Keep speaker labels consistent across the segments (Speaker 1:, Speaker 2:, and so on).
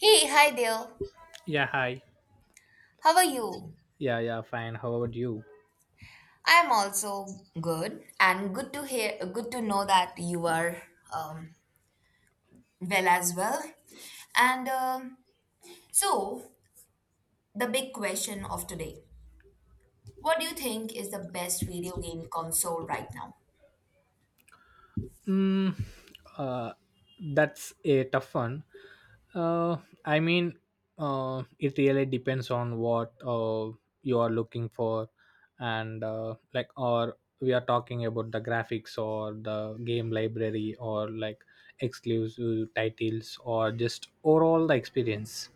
Speaker 1: Hey, hi there.
Speaker 2: Yeah, hi.
Speaker 1: How are you?
Speaker 2: Yeah, yeah, fine. How about you?
Speaker 1: I am also good, and good to hear. Good to know that you are um, well as well. And um, so, the big question of today: What do you think is the best video game console right now?
Speaker 2: Mm, uh, That's a tough one. Uh, I mean, it really depends on what you are looking for, and like, or we are talking about the graphics or the game library or like exclusive titles or just overall the experience.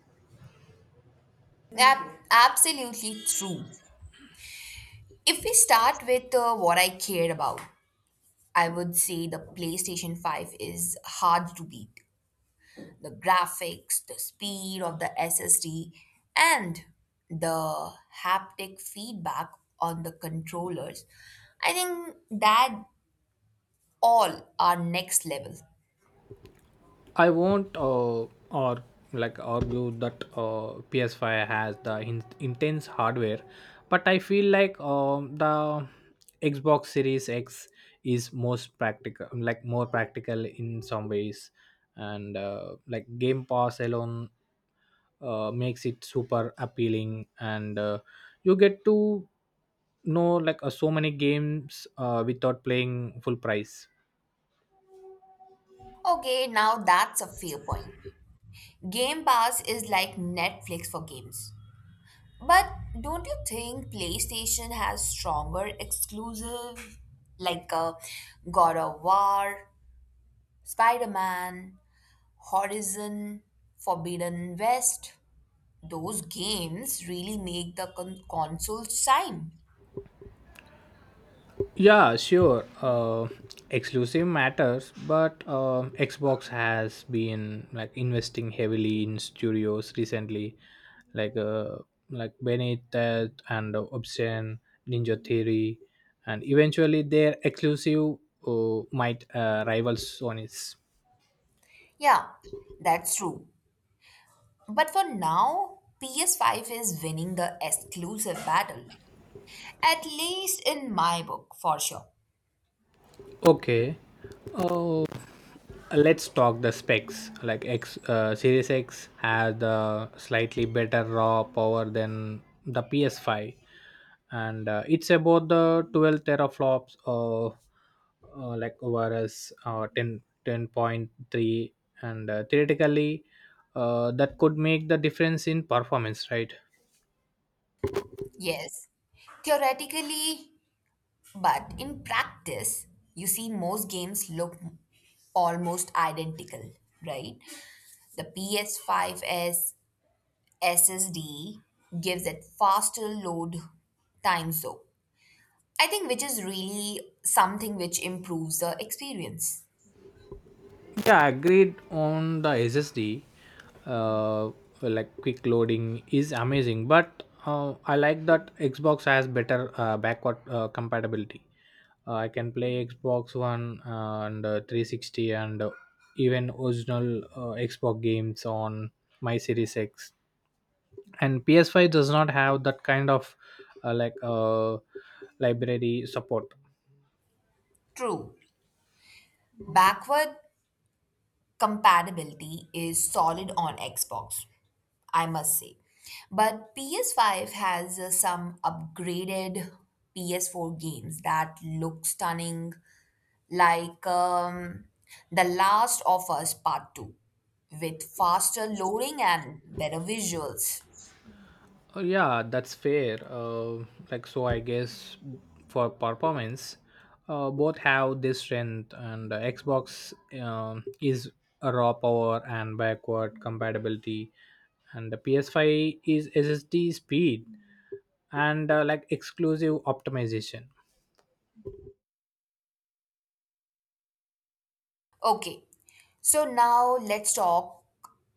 Speaker 1: Absolutely true. If we start with what I cared about, I would say the PlayStation 5 is hard to beat. The graphics, the speed of the SSD, and the haptic feedback on the controllers. I think that all are next level.
Speaker 2: I won't or like argue that PS5 has the intense hardware, but I feel like the Xbox Series X is most practical, like more practical in some ways, and like Game Pass alone makes it super appealing, and you get to know like so many games without playing full price.
Speaker 1: Okay, now that's a fair point. Game Pass is like Netflix for games. But don't you think PlayStation has stronger exclusive like God of War, Spider Man, Horizon, Forbidden West? Those games really make the consoles shine.
Speaker 2: Yeah, sure. Exclusive matters, but Xbox has been like investing heavily in studios recently, like uh, like Benitez and Obsidian, Ninja Theory, and eventually their exclusive might rival Sony's.
Speaker 1: Yeah, that's true. But for now, PS5 is winning the exclusive battle. At least in my book, for sure.
Speaker 2: Okay. Uh, let's talk the specs, like x Series X has the slightly better raw power than the PS5, and it's about the 12 teraflops or like ORS 10 10.3, and theoretically that could make the difference in performance, right?
Speaker 1: Yes, theoretically, but in practice, you see most games look almost identical, right? The PS5's SSD gives it faster load times though, I think, which is really something which improves the experience.
Speaker 2: Yeah, agreed on the SSD. Uh, like quick loading is amazing, but I like that Xbox has better backward compatibility. I can play Xbox One and 360 and even original Xbox games on my Series X. And PS5 does not have that kind of like library support.
Speaker 1: True, backward compatibility is solid on Xbox, I must say. But PS5 has some upgraded PS4 games that look stunning, like The Last of Us Part 2, with faster loading and better visuals.
Speaker 2: Yeah, that's fair. Like so, I guess for performance, both have this strength, and Xbox is a raw power and backward compatibility, and the PS5 is SSD speed and like exclusive optimization.
Speaker 1: Okay, so now let's talk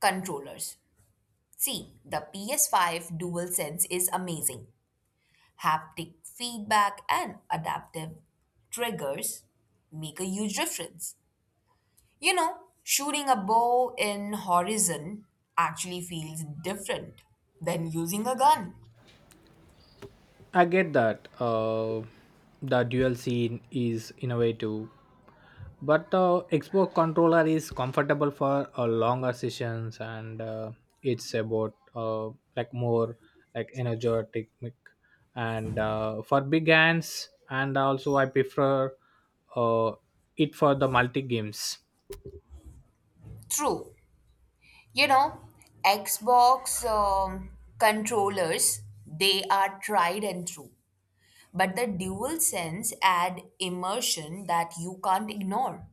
Speaker 1: controllers. See, the PS5 DualSense is amazing. Haptic feedback and adaptive triggers make a huge difference. You know, shooting a bow in Horizon actually feels different than using a gun.
Speaker 2: I get that. The dual scene is innovative, but Xbox controller is comfortable for longer sessions, and it's about like more like energetic, and for big hands. And also I prefer uh, it for the multi games.
Speaker 1: True. You know, Xbox controllers, they are tried and true. But the dual sense add immersion that you can't ignore.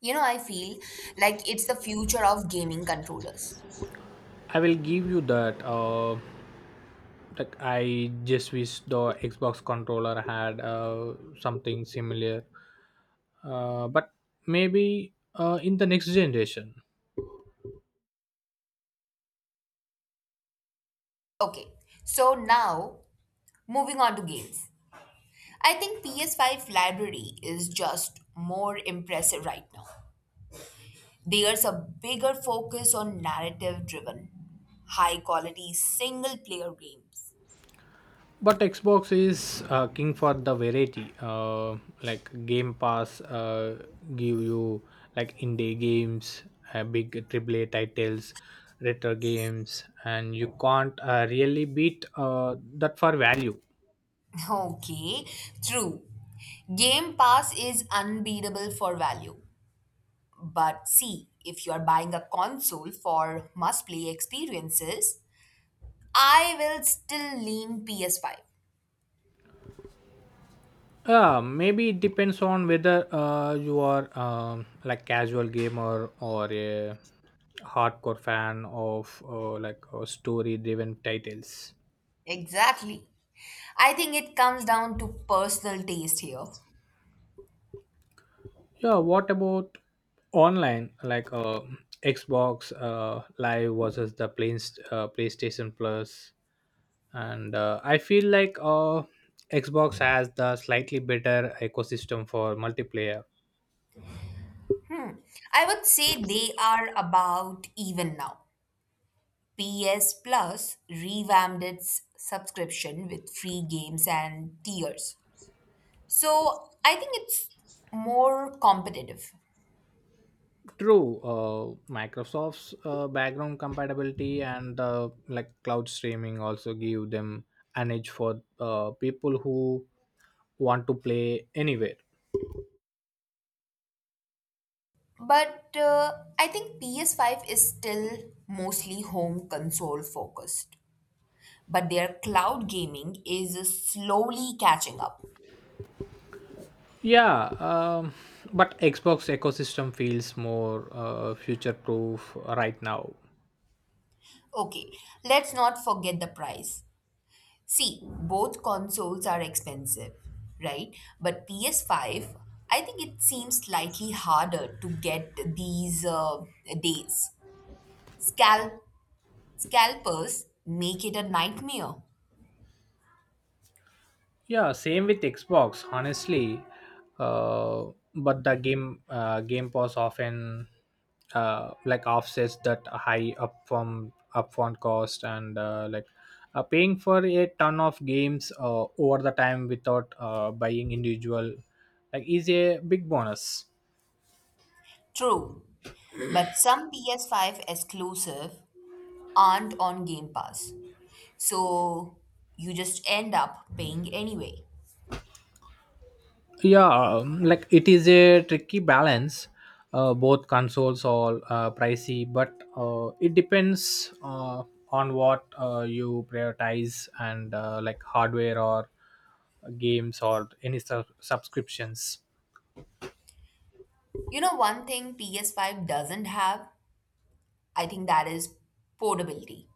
Speaker 1: You know, I feel like it's the future of gaming controllers.
Speaker 2: I will give you that, like I just wish the Xbox controller had something similar, but maybe in the next generation.
Speaker 1: Okay, so now moving on to games. I think PS5 library is just more impressive right now. There's a bigger focus on narrative driven, high quality single player games.
Speaker 2: But Xbox is king for the variety. Like Game Pass give you like indie games, big AAA titles, retro games, and you can't really beat that for value.
Speaker 1: Okay, true. Game Pass is unbeatable for value. But see, if you are buying a console for must play experiences, I will still lean PS5.
Speaker 2: Yeah, maybe it depends on whether you are like casual gamer or a hardcore fan of like story-driven titles.
Speaker 1: Exactly. I think it comes down to personal taste here.
Speaker 2: Yeah, what about online, like Xbox Live versus the plain, PlayStation Plus? And I feel like Xbox has the slightly better ecosystem for multiplayer.
Speaker 1: I would say they are about even now. PS Plus revamped its subscription with free games and tiers. So I think it's more competitive.
Speaker 2: True, Microsoft's background compatibility and like cloud streaming also give them an edge for people who want to play anywhere.
Speaker 1: But I think PS5 is still mostly home console focused. But their cloud gaming is slowly catching up.
Speaker 2: Yeah, but Xbox ecosystem feels more future proof right now.
Speaker 1: Okay, let's not forget the price. See, both consoles are expensive, right? But PS5, I think it seems slightly harder to get these days. Scalp Scalpers make it a nightmare.
Speaker 2: Yeah, same with Xbox, honestly. But the Game Pass often like offsets that high upfront cost, and like paying for a ton of games over the time without buying individual like is a big bonus.
Speaker 1: True, but some PS5 exclusive aren't on Game Pass. So you just end up paying anyway.
Speaker 2: Yeah, like it is a tricky balance. Both consoles are pricey, but it depends on what you prioritize, and like hardware or games or any subscriptions.
Speaker 1: You know one thing PS5 doesn't have? I think that is portability.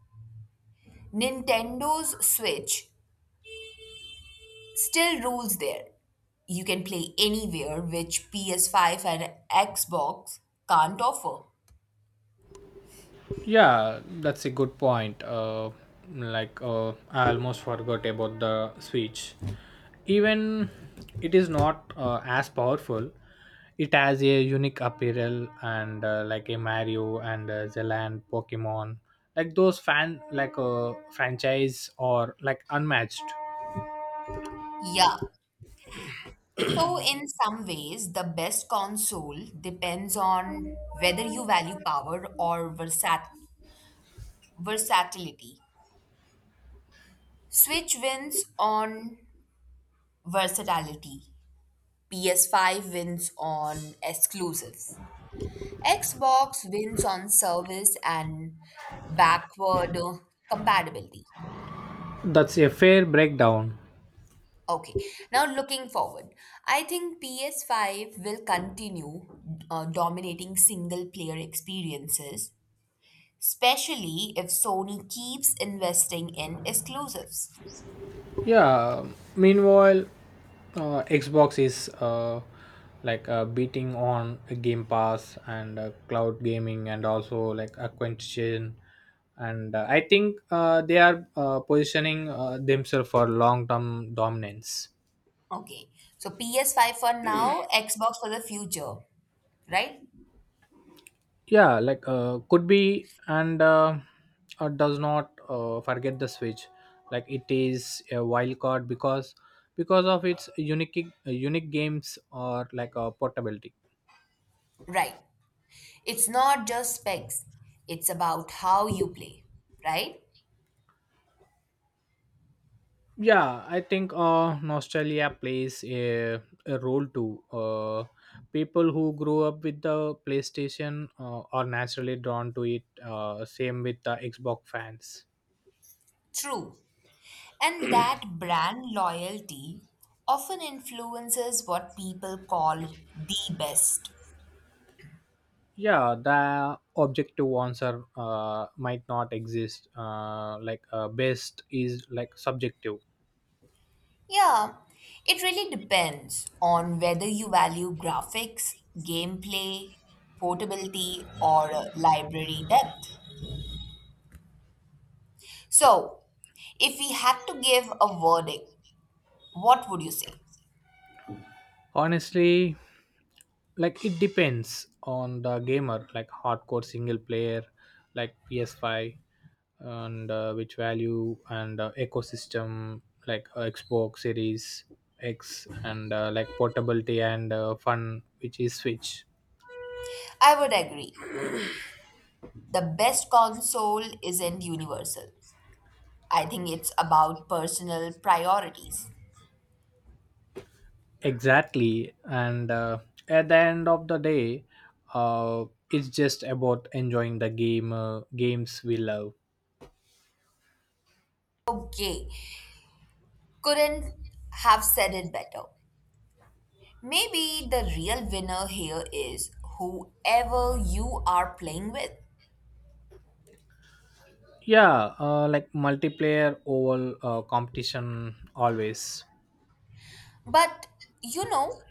Speaker 1: Nintendo's Switch still rules there. You can play anywhere, which PS5 and Xbox can't offer.
Speaker 2: Yeah, that's a good point. Like I almost forgot about the Switch. Even it is not as powerful. It has a unique apparel, and like a Mario and Zeland Pokemon, like those fan like franchise or like unmatched.
Speaker 1: Yeah. So, in some ways, the best console depends on whether you value power or versatility. Switch wins on versatility, PS5 wins on exclusives. Xbox wins on service and backward compatibility.
Speaker 2: That's a fair breakdown.
Speaker 1: Okay, now looking forward, I think PS5 will continue dominating single player experiences, especially if Sony keeps investing in exclusives.
Speaker 2: Yeah. Meanwhile, Xbox is like beating on Game Pass and cloud gaming and also like acquisition. And I think they are positioning themselves for long-term dominance.
Speaker 1: Okay, so PS5 for now, Xbox for the future, right?
Speaker 2: Yeah, like could be, and does not forget the Switch. Like it is a wild card because of its unique games or like portability.
Speaker 1: Right. It's not just specs, it's about how you play, right?
Speaker 2: Yeah, I think nostalgia plays a role too. People who grew up with the PlayStation are naturally drawn to it, same with the Xbox fans.
Speaker 1: True. And that brand loyalty often influences what people call the best.
Speaker 2: Yeah, the objective answer might not exist, like best is like subjective.
Speaker 1: Yeah, it really depends on whether you value graphics, gameplay, portability, or library depth. So, if we had to give a verdict, what would you say?
Speaker 2: Honestly, like it depends on the gamer, like hardcore single player, like PS5, and which value and ecosystem, like Xbox Series X, and like portability and fun, which is Switch.
Speaker 1: I would agree. The best console isn't universal. I think it's about personal priorities.
Speaker 2: Exactly, and at the end of the day, uh, it's just about enjoying the games we love.
Speaker 1: Okay, couldn't have said it better. Maybe the real winner here is whoever you are playing with.
Speaker 2: Yeah, like multiplayer over competition always.
Speaker 1: But you know,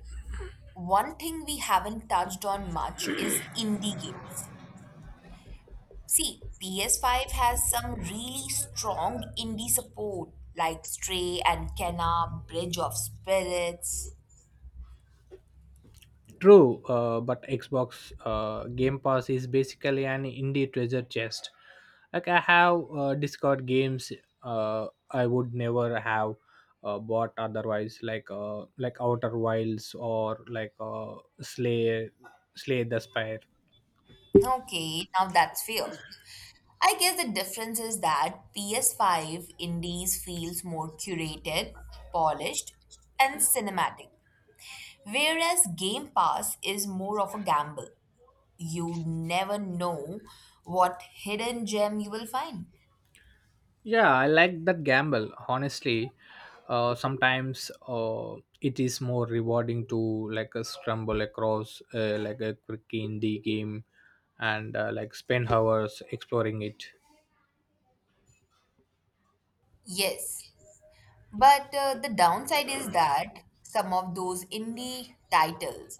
Speaker 1: one thing we haven't touched on much is indie games. See, PS5 has some really strong indie support like Stray and Kena: Bridge of Spirits.
Speaker 2: True, but Xbox Game Pass is basically an indie treasure chest. Like I have discovered games I would never have bought otherwise, like Outer Wilds or like Slay the Spire.
Speaker 1: Okay, now that's fair. I guess the difference is that PS5 indies feels more curated, polished, and cinematic, whereas Game Pass is more of a gamble. You never know what hidden gem you will find.
Speaker 2: Yeah, I like that gamble. Honestly, sometimes it is more rewarding to like a scramble across like a quick indie game, and like spend hours exploring it.
Speaker 1: Yes, but the downside is that some of those indie titles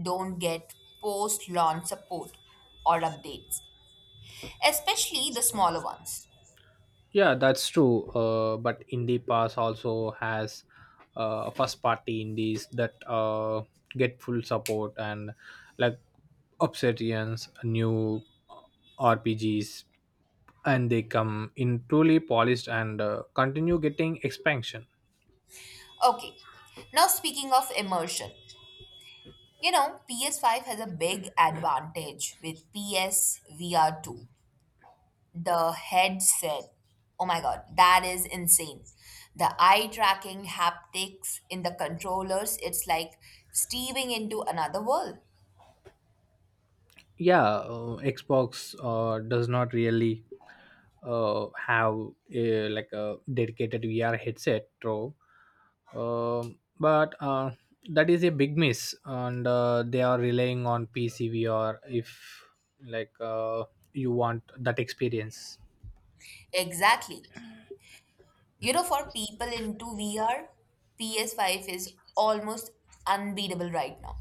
Speaker 1: don't get post launch support or updates, especially the smaller ones.
Speaker 2: Yeah, that's true. But indie pass also has first party indies that get full support and like Obsidian's new RPGs, and they come in truly polished and continue getting expansion.
Speaker 1: Okay, now speaking of immersion. You know, PS5 has a big advantage with PS VR2. The headset, oh my god, that is insane. The eye tracking haptics in the controllers, it's like stepping into another world.
Speaker 2: Yeah, Xbox does not really have like a dedicated VR headset though. Um but that is a big miss, and they are relying on PC VR if like you want that experience.
Speaker 1: Exactly. You know, for people into VR, PS5 is almost unbeatable right now.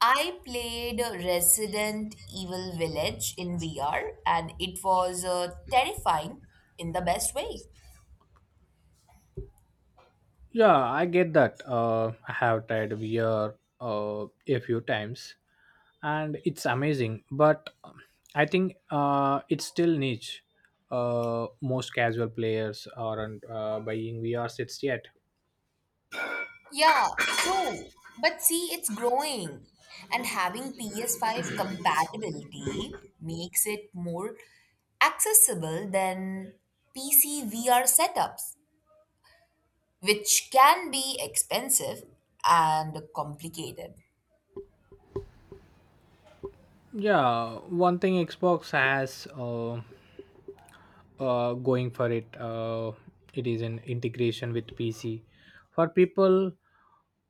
Speaker 1: I played Resident Evil Village in VR and it was terrifying in the best way.
Speaker 2: Yeah, I get that. I have tried VR a few times, and it's amazing. But I think it's still niche. Most casual players aren't buying VR sets yet.
Speaker 1: Yeah, true. But see, it's growing. And having PS5 compatibility makes it more accessible than PC VR setups, which can be expensive and complicated.
Speaker 2: Yeah, one thing Xbox has. Going for it. It is an integration with PC for people,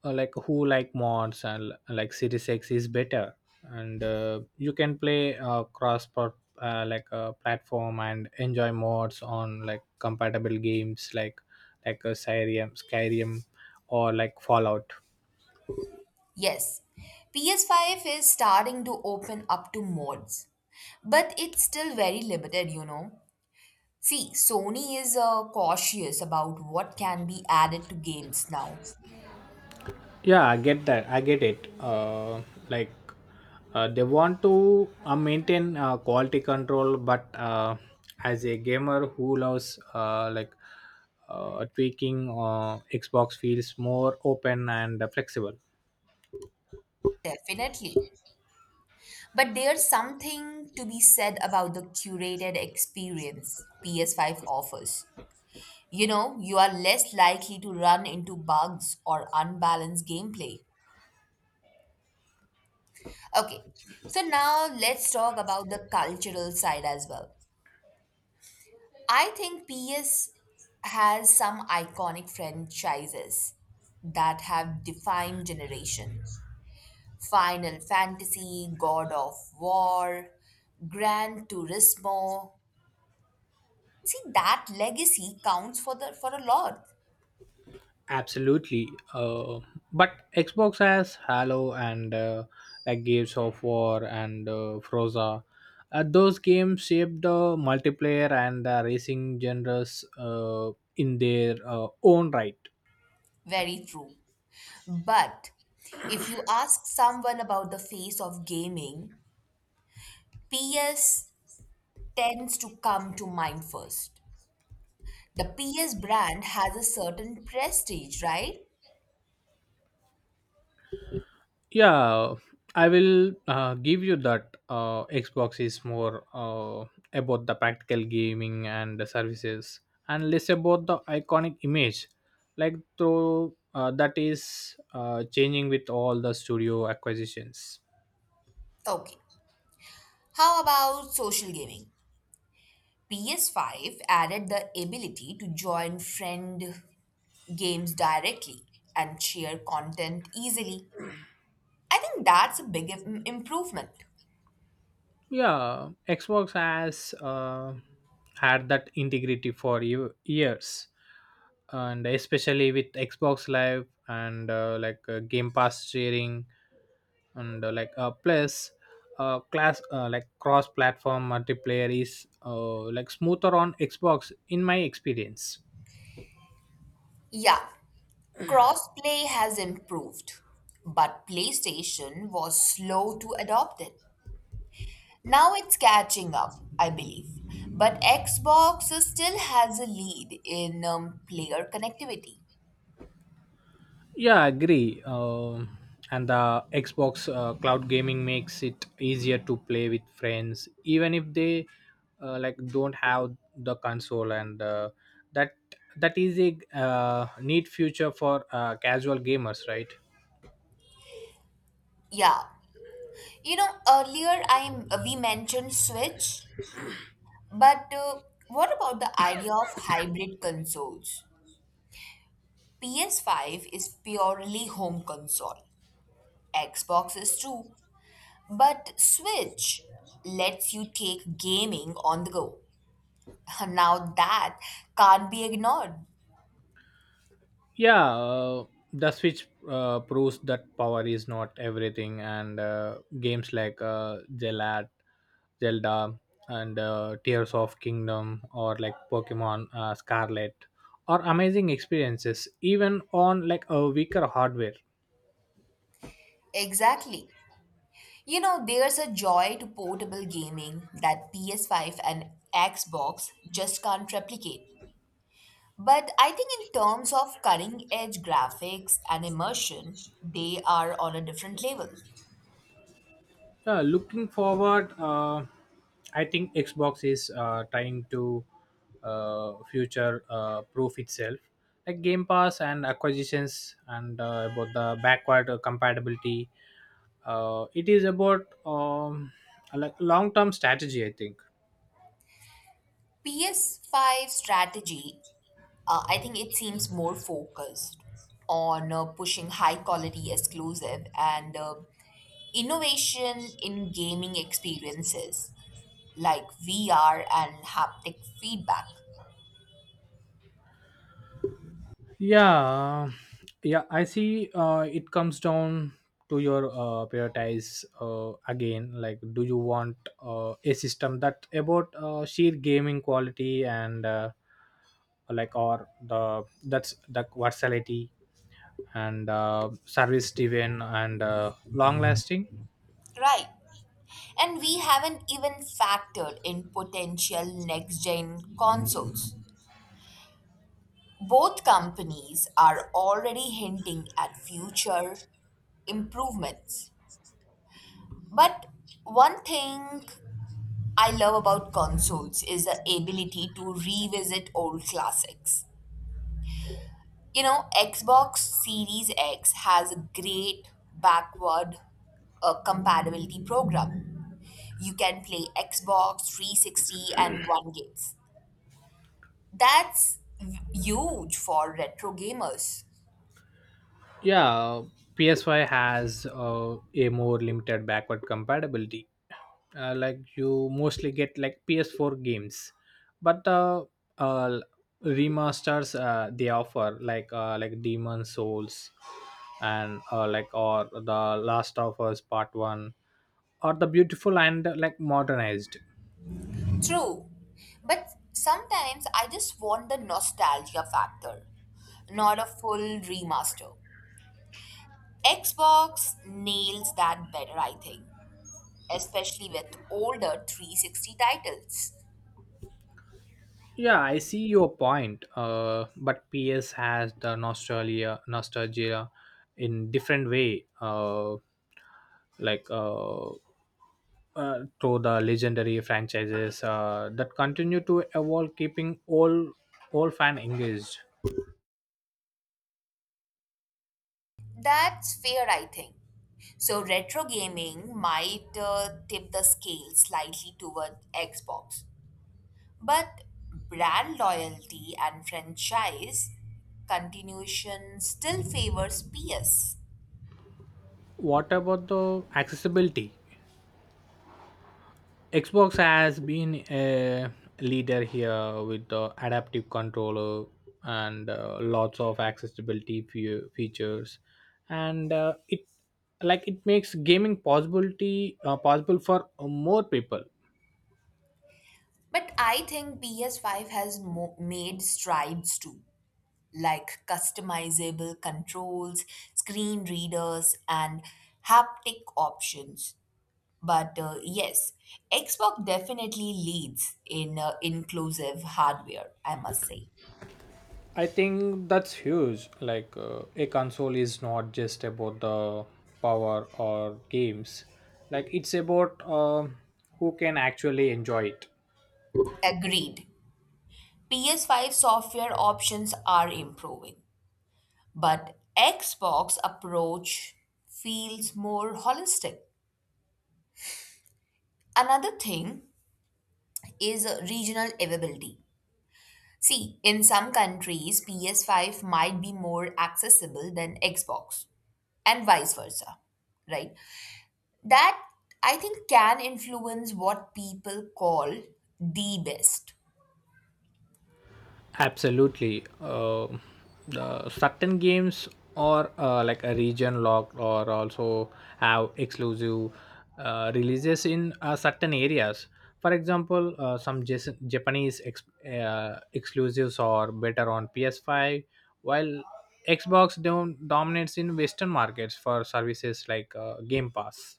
Speaker 2: like who like mods, and like Series X is better, and you can play cross platform and enjoy mods on like compatible games, like Skyrim, or like Fallout.
Speaker 1: Yes, PS5 is starting to open up to mods. But it's still very limited, you know. See, Sony is cautious about what can be added to games now.
Speaker 2: Yeah, I get it. Like they want to maintain quality control, but as a gamer who loves like tweaking, Xbox feels more open and flexible.
Speaker 1: Definitely. But there's something to be said about the curated experience PS5 offers. You know, you are less likely to run into bugs or unbalanced gameplay. Okay, so now let's talk about the cultural side as well. I think PS has some iconic franchises that have defined generation. Final Fantasy, God of War, Gran Turismo. See that legacy counts for the for a lot.
Speaker 2: Absolutely. But Xbox has Halo and like Gears of War and Froza. Those games shaped the multiplayer and the racing genres in their own right.
Speaker 1: Very true. But if you ask someone about the face of gaming, PS tends to come to mind first. The PS brand has a certain prestige, right?
Speaker 2: Yeah, I will give you that. Xbox is more about the practical gaming and the services, and less about the iconic image, like though that is changing with all the studio acquisitions.
Speaker 1: Okay. How about social gaming? PS5 added the ability to join friend games directly and share content easily. I think that's a big improvement.
Speaker 2: Yeah, Xbox has had that integrity for years, and especially with Xbox Live and like Game Pass sharing, and like plus class like cross-platform multiplayer is like smoother on Xbox in my experience.
Speaker 1: Yeah, crossplay has improved, but PlayStation was slow to adopt it. Now it's catching up, I believe. But Xbox still has a lead in player connectivity.
Speaker 2: Yeah, I agree. And the Xbox cloud gaming makes it easier to play with friends, even if they like don't have the console, and that that is a neat future for casual gamers, right?
Speaker 1: Yeah. You know, earlier I we mentioned Switch, but what about the idea of hybrid consoles? PS5 is purely home console. Xbox is too, but Switch lets you take gaming on the go. Now that can't be ignored.
Speaker 2: Yeah, the Switch proves that power is not everything, and games like Zelda and Tears of Kingdom or like Pokemon Scarlet are amazing experiences even on like a weaker hardware.
Speaker 1: Exactly. You know, there's a joy to portable gaming that PS5 and Xbox just can't replicate. But I think, in terms of cutting edge graphics and immersion, they are on a different level.
Speaker 2: Yeah, looking forward, I think Xbox is trying to future proof itself, like Game Pass and acquisitions, and about the backward compatibility. It is about like long term strategy, I think.
Speaker 1: PS5 strategy, I think it seems more focused on pushing high quality exclusive and innovation in gaming experiences like VR and haptic feedback.
Speaker 2: Yeah, yeah, I see, it comes down to your prioritize again, like do you want a system that about sheer gaming quality, and like or the that's the versatility, and service driven, and long lasting.
Speaker 1: Right. And we haven't even factored in potential next gen consoles. Both companies are already hinting at future improvements. But one thing I love about consoles is the ability to revisit old classics. You know, Xbox Series X has a great backward compatibility program. You can play Xbox 360 and 1 gigs. That's huge for retro gamers.
Speaker 2: Yeah, PS5 has a more limited backward compatibility. Like you mostly get like PS4 games, but uh, remasters they offer like Demon Souls, and like or the Last of Us Part One, or the beautiful and like modernized.
Speaker 1: True, but sometimes I just want the nostalgia factor, not a full remaster. Xbox nails that better, I think, especially with older 360 titles.
Speaker 2: Yeah, I see your point. But PS has the nostalgia in different way. Like to the legendary franchises that continue to evolve, keeping all fan engaged.
Speaker 1: That's fair, I think. So, retro gaming might tip the scale slightly toward Xbox, but brand loyalty and franchise continuation still favors PS.
Speaker 2: What about the accessibility? Xbox has been a leader here with the adaptive controller and lots of accessibility features, and it makes gaming possibility possible for more people.
Speaker 1: But I think PS5 has made strides too, like customizable controls, screen readers, and haptic options. But yes, Xbox definitely leads in inclusive hardware, I must say.
Speaker 2: I think that's huge, like a console is not just about the power or games, like it's about who can actually enjoy it.
Speaker 1: Agreed. PS5 software options are improving, but Xbox approach feels more holistic. Another thing is regional availability. See, in some countries, PS5 might be more accessible than Xbox, and vice versa, right? That I think can influence what people call the best.
Speaker 2: Absolutely. The certain games or like a region locked or also have exclusive releases in certain areas. For example, some Japanese exclusives are better on PS5, while Xbox dominates in Western markets for services like Game Pass.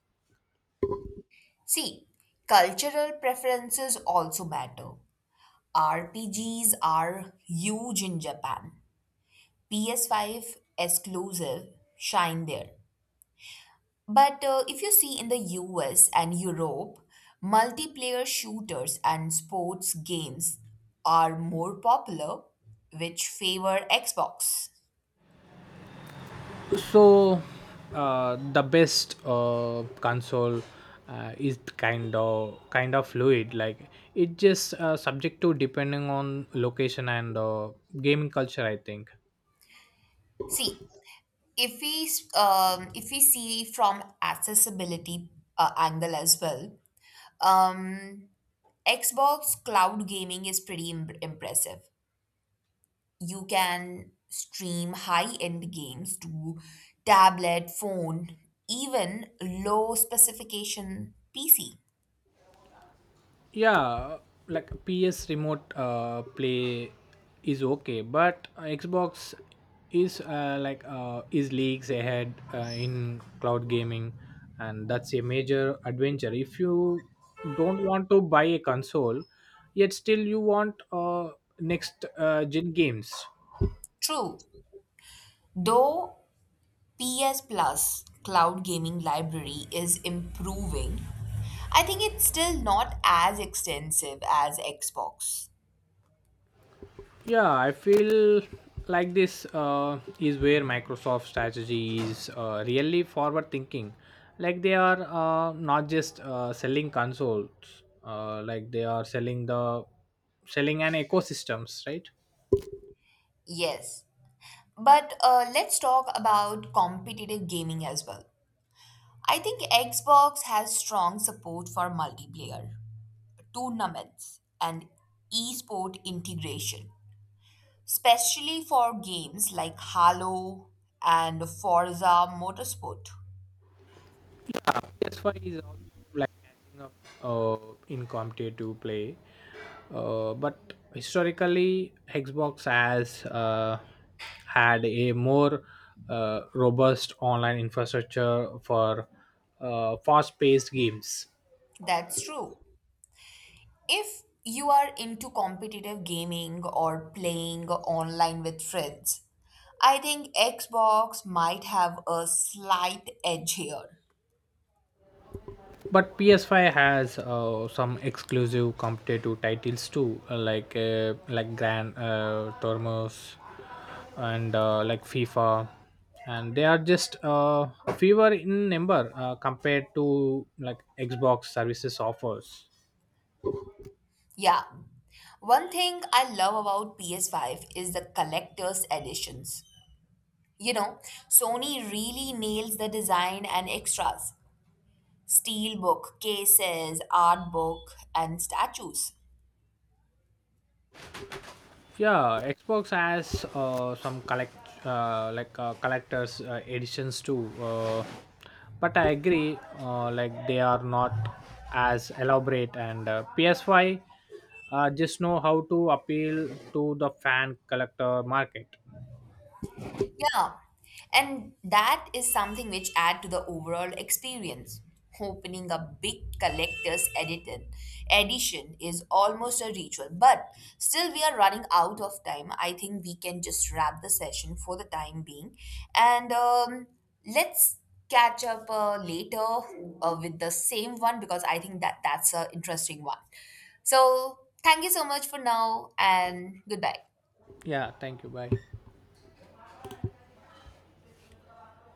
Speaker 1: See, cultural preferences also matter. RPGs are huge in Japan. PS5 exclusive shine there. But if you see in the US and Europe, multiplayer shooters and sports games are more popular, which favor Xbox.
Speaker 2: So the best console is kind of fluid. Like it just subject to depending on location and gaming culture, I think.
Speaker 1: See, if we if we see from accessibility angle as well, um, Xbox cloud gaming is pretty impressive. You can stream high-end games to tablet, phone, even low specification PC.
Speaker 2: Yeah, like PS remote play is okay, but Xbox is like is leagues ahead in cloud gaming. And that's a major adventure if you don't want to buy a console, yet still you want next gen games.
Speaker 1: True, though PS Plus cloud gaming library is improving, I think it's still not as extensive as Xbox.
Speaker 2: Yeah, I feel like this is where Microsoft strategy is really forward thinking. Like they are not just selling consoles, like they are selling an ecosystems, right?
Speaker 1: Yes. But let's talk about competitive gaming as well. I think Xbox has strong support for multiplayer, tournaments, and esport integration, especially for games like Halo and Forza Motorsport.
Speaker 2: That's why is also like catching up uh, in competitive play. But historically, Xbox has had a more robust online infrastructure for fast-paced games.
Speaker 1: That's true. If you are into competitive gaming or playing online with friends, I think Xbox might have a slight edge here.
Speaker 2: But PS5 has some exclusive competitive titles too, like Grand Tormos and like FIFA, and they are just fewer in number compared to like Xbox services offers.
Speaker 1: Yeah. One thing I love about PS5 is the collector's editions. You know, Sony really nails the design and extras. Steelbook, cases, art book, and statues.
Speaker 2: Yeah, Xbox has some collect like collectors editions too. But I agree, like they are not as elaborate, and PS5 just know how to appeal to the fan collector market.
Speaker 1: Yeah, and that is something which add to the overall experience. Opening a big collector's edited edition is almost a ritual, but still we are running out of time. I think we can just wrap the session for the time being, and let's catch up later with the same one because I think that's an interesting one. So thank you so much for now, and goodbye.
Speaker 2: Yeah, thank you. Bye.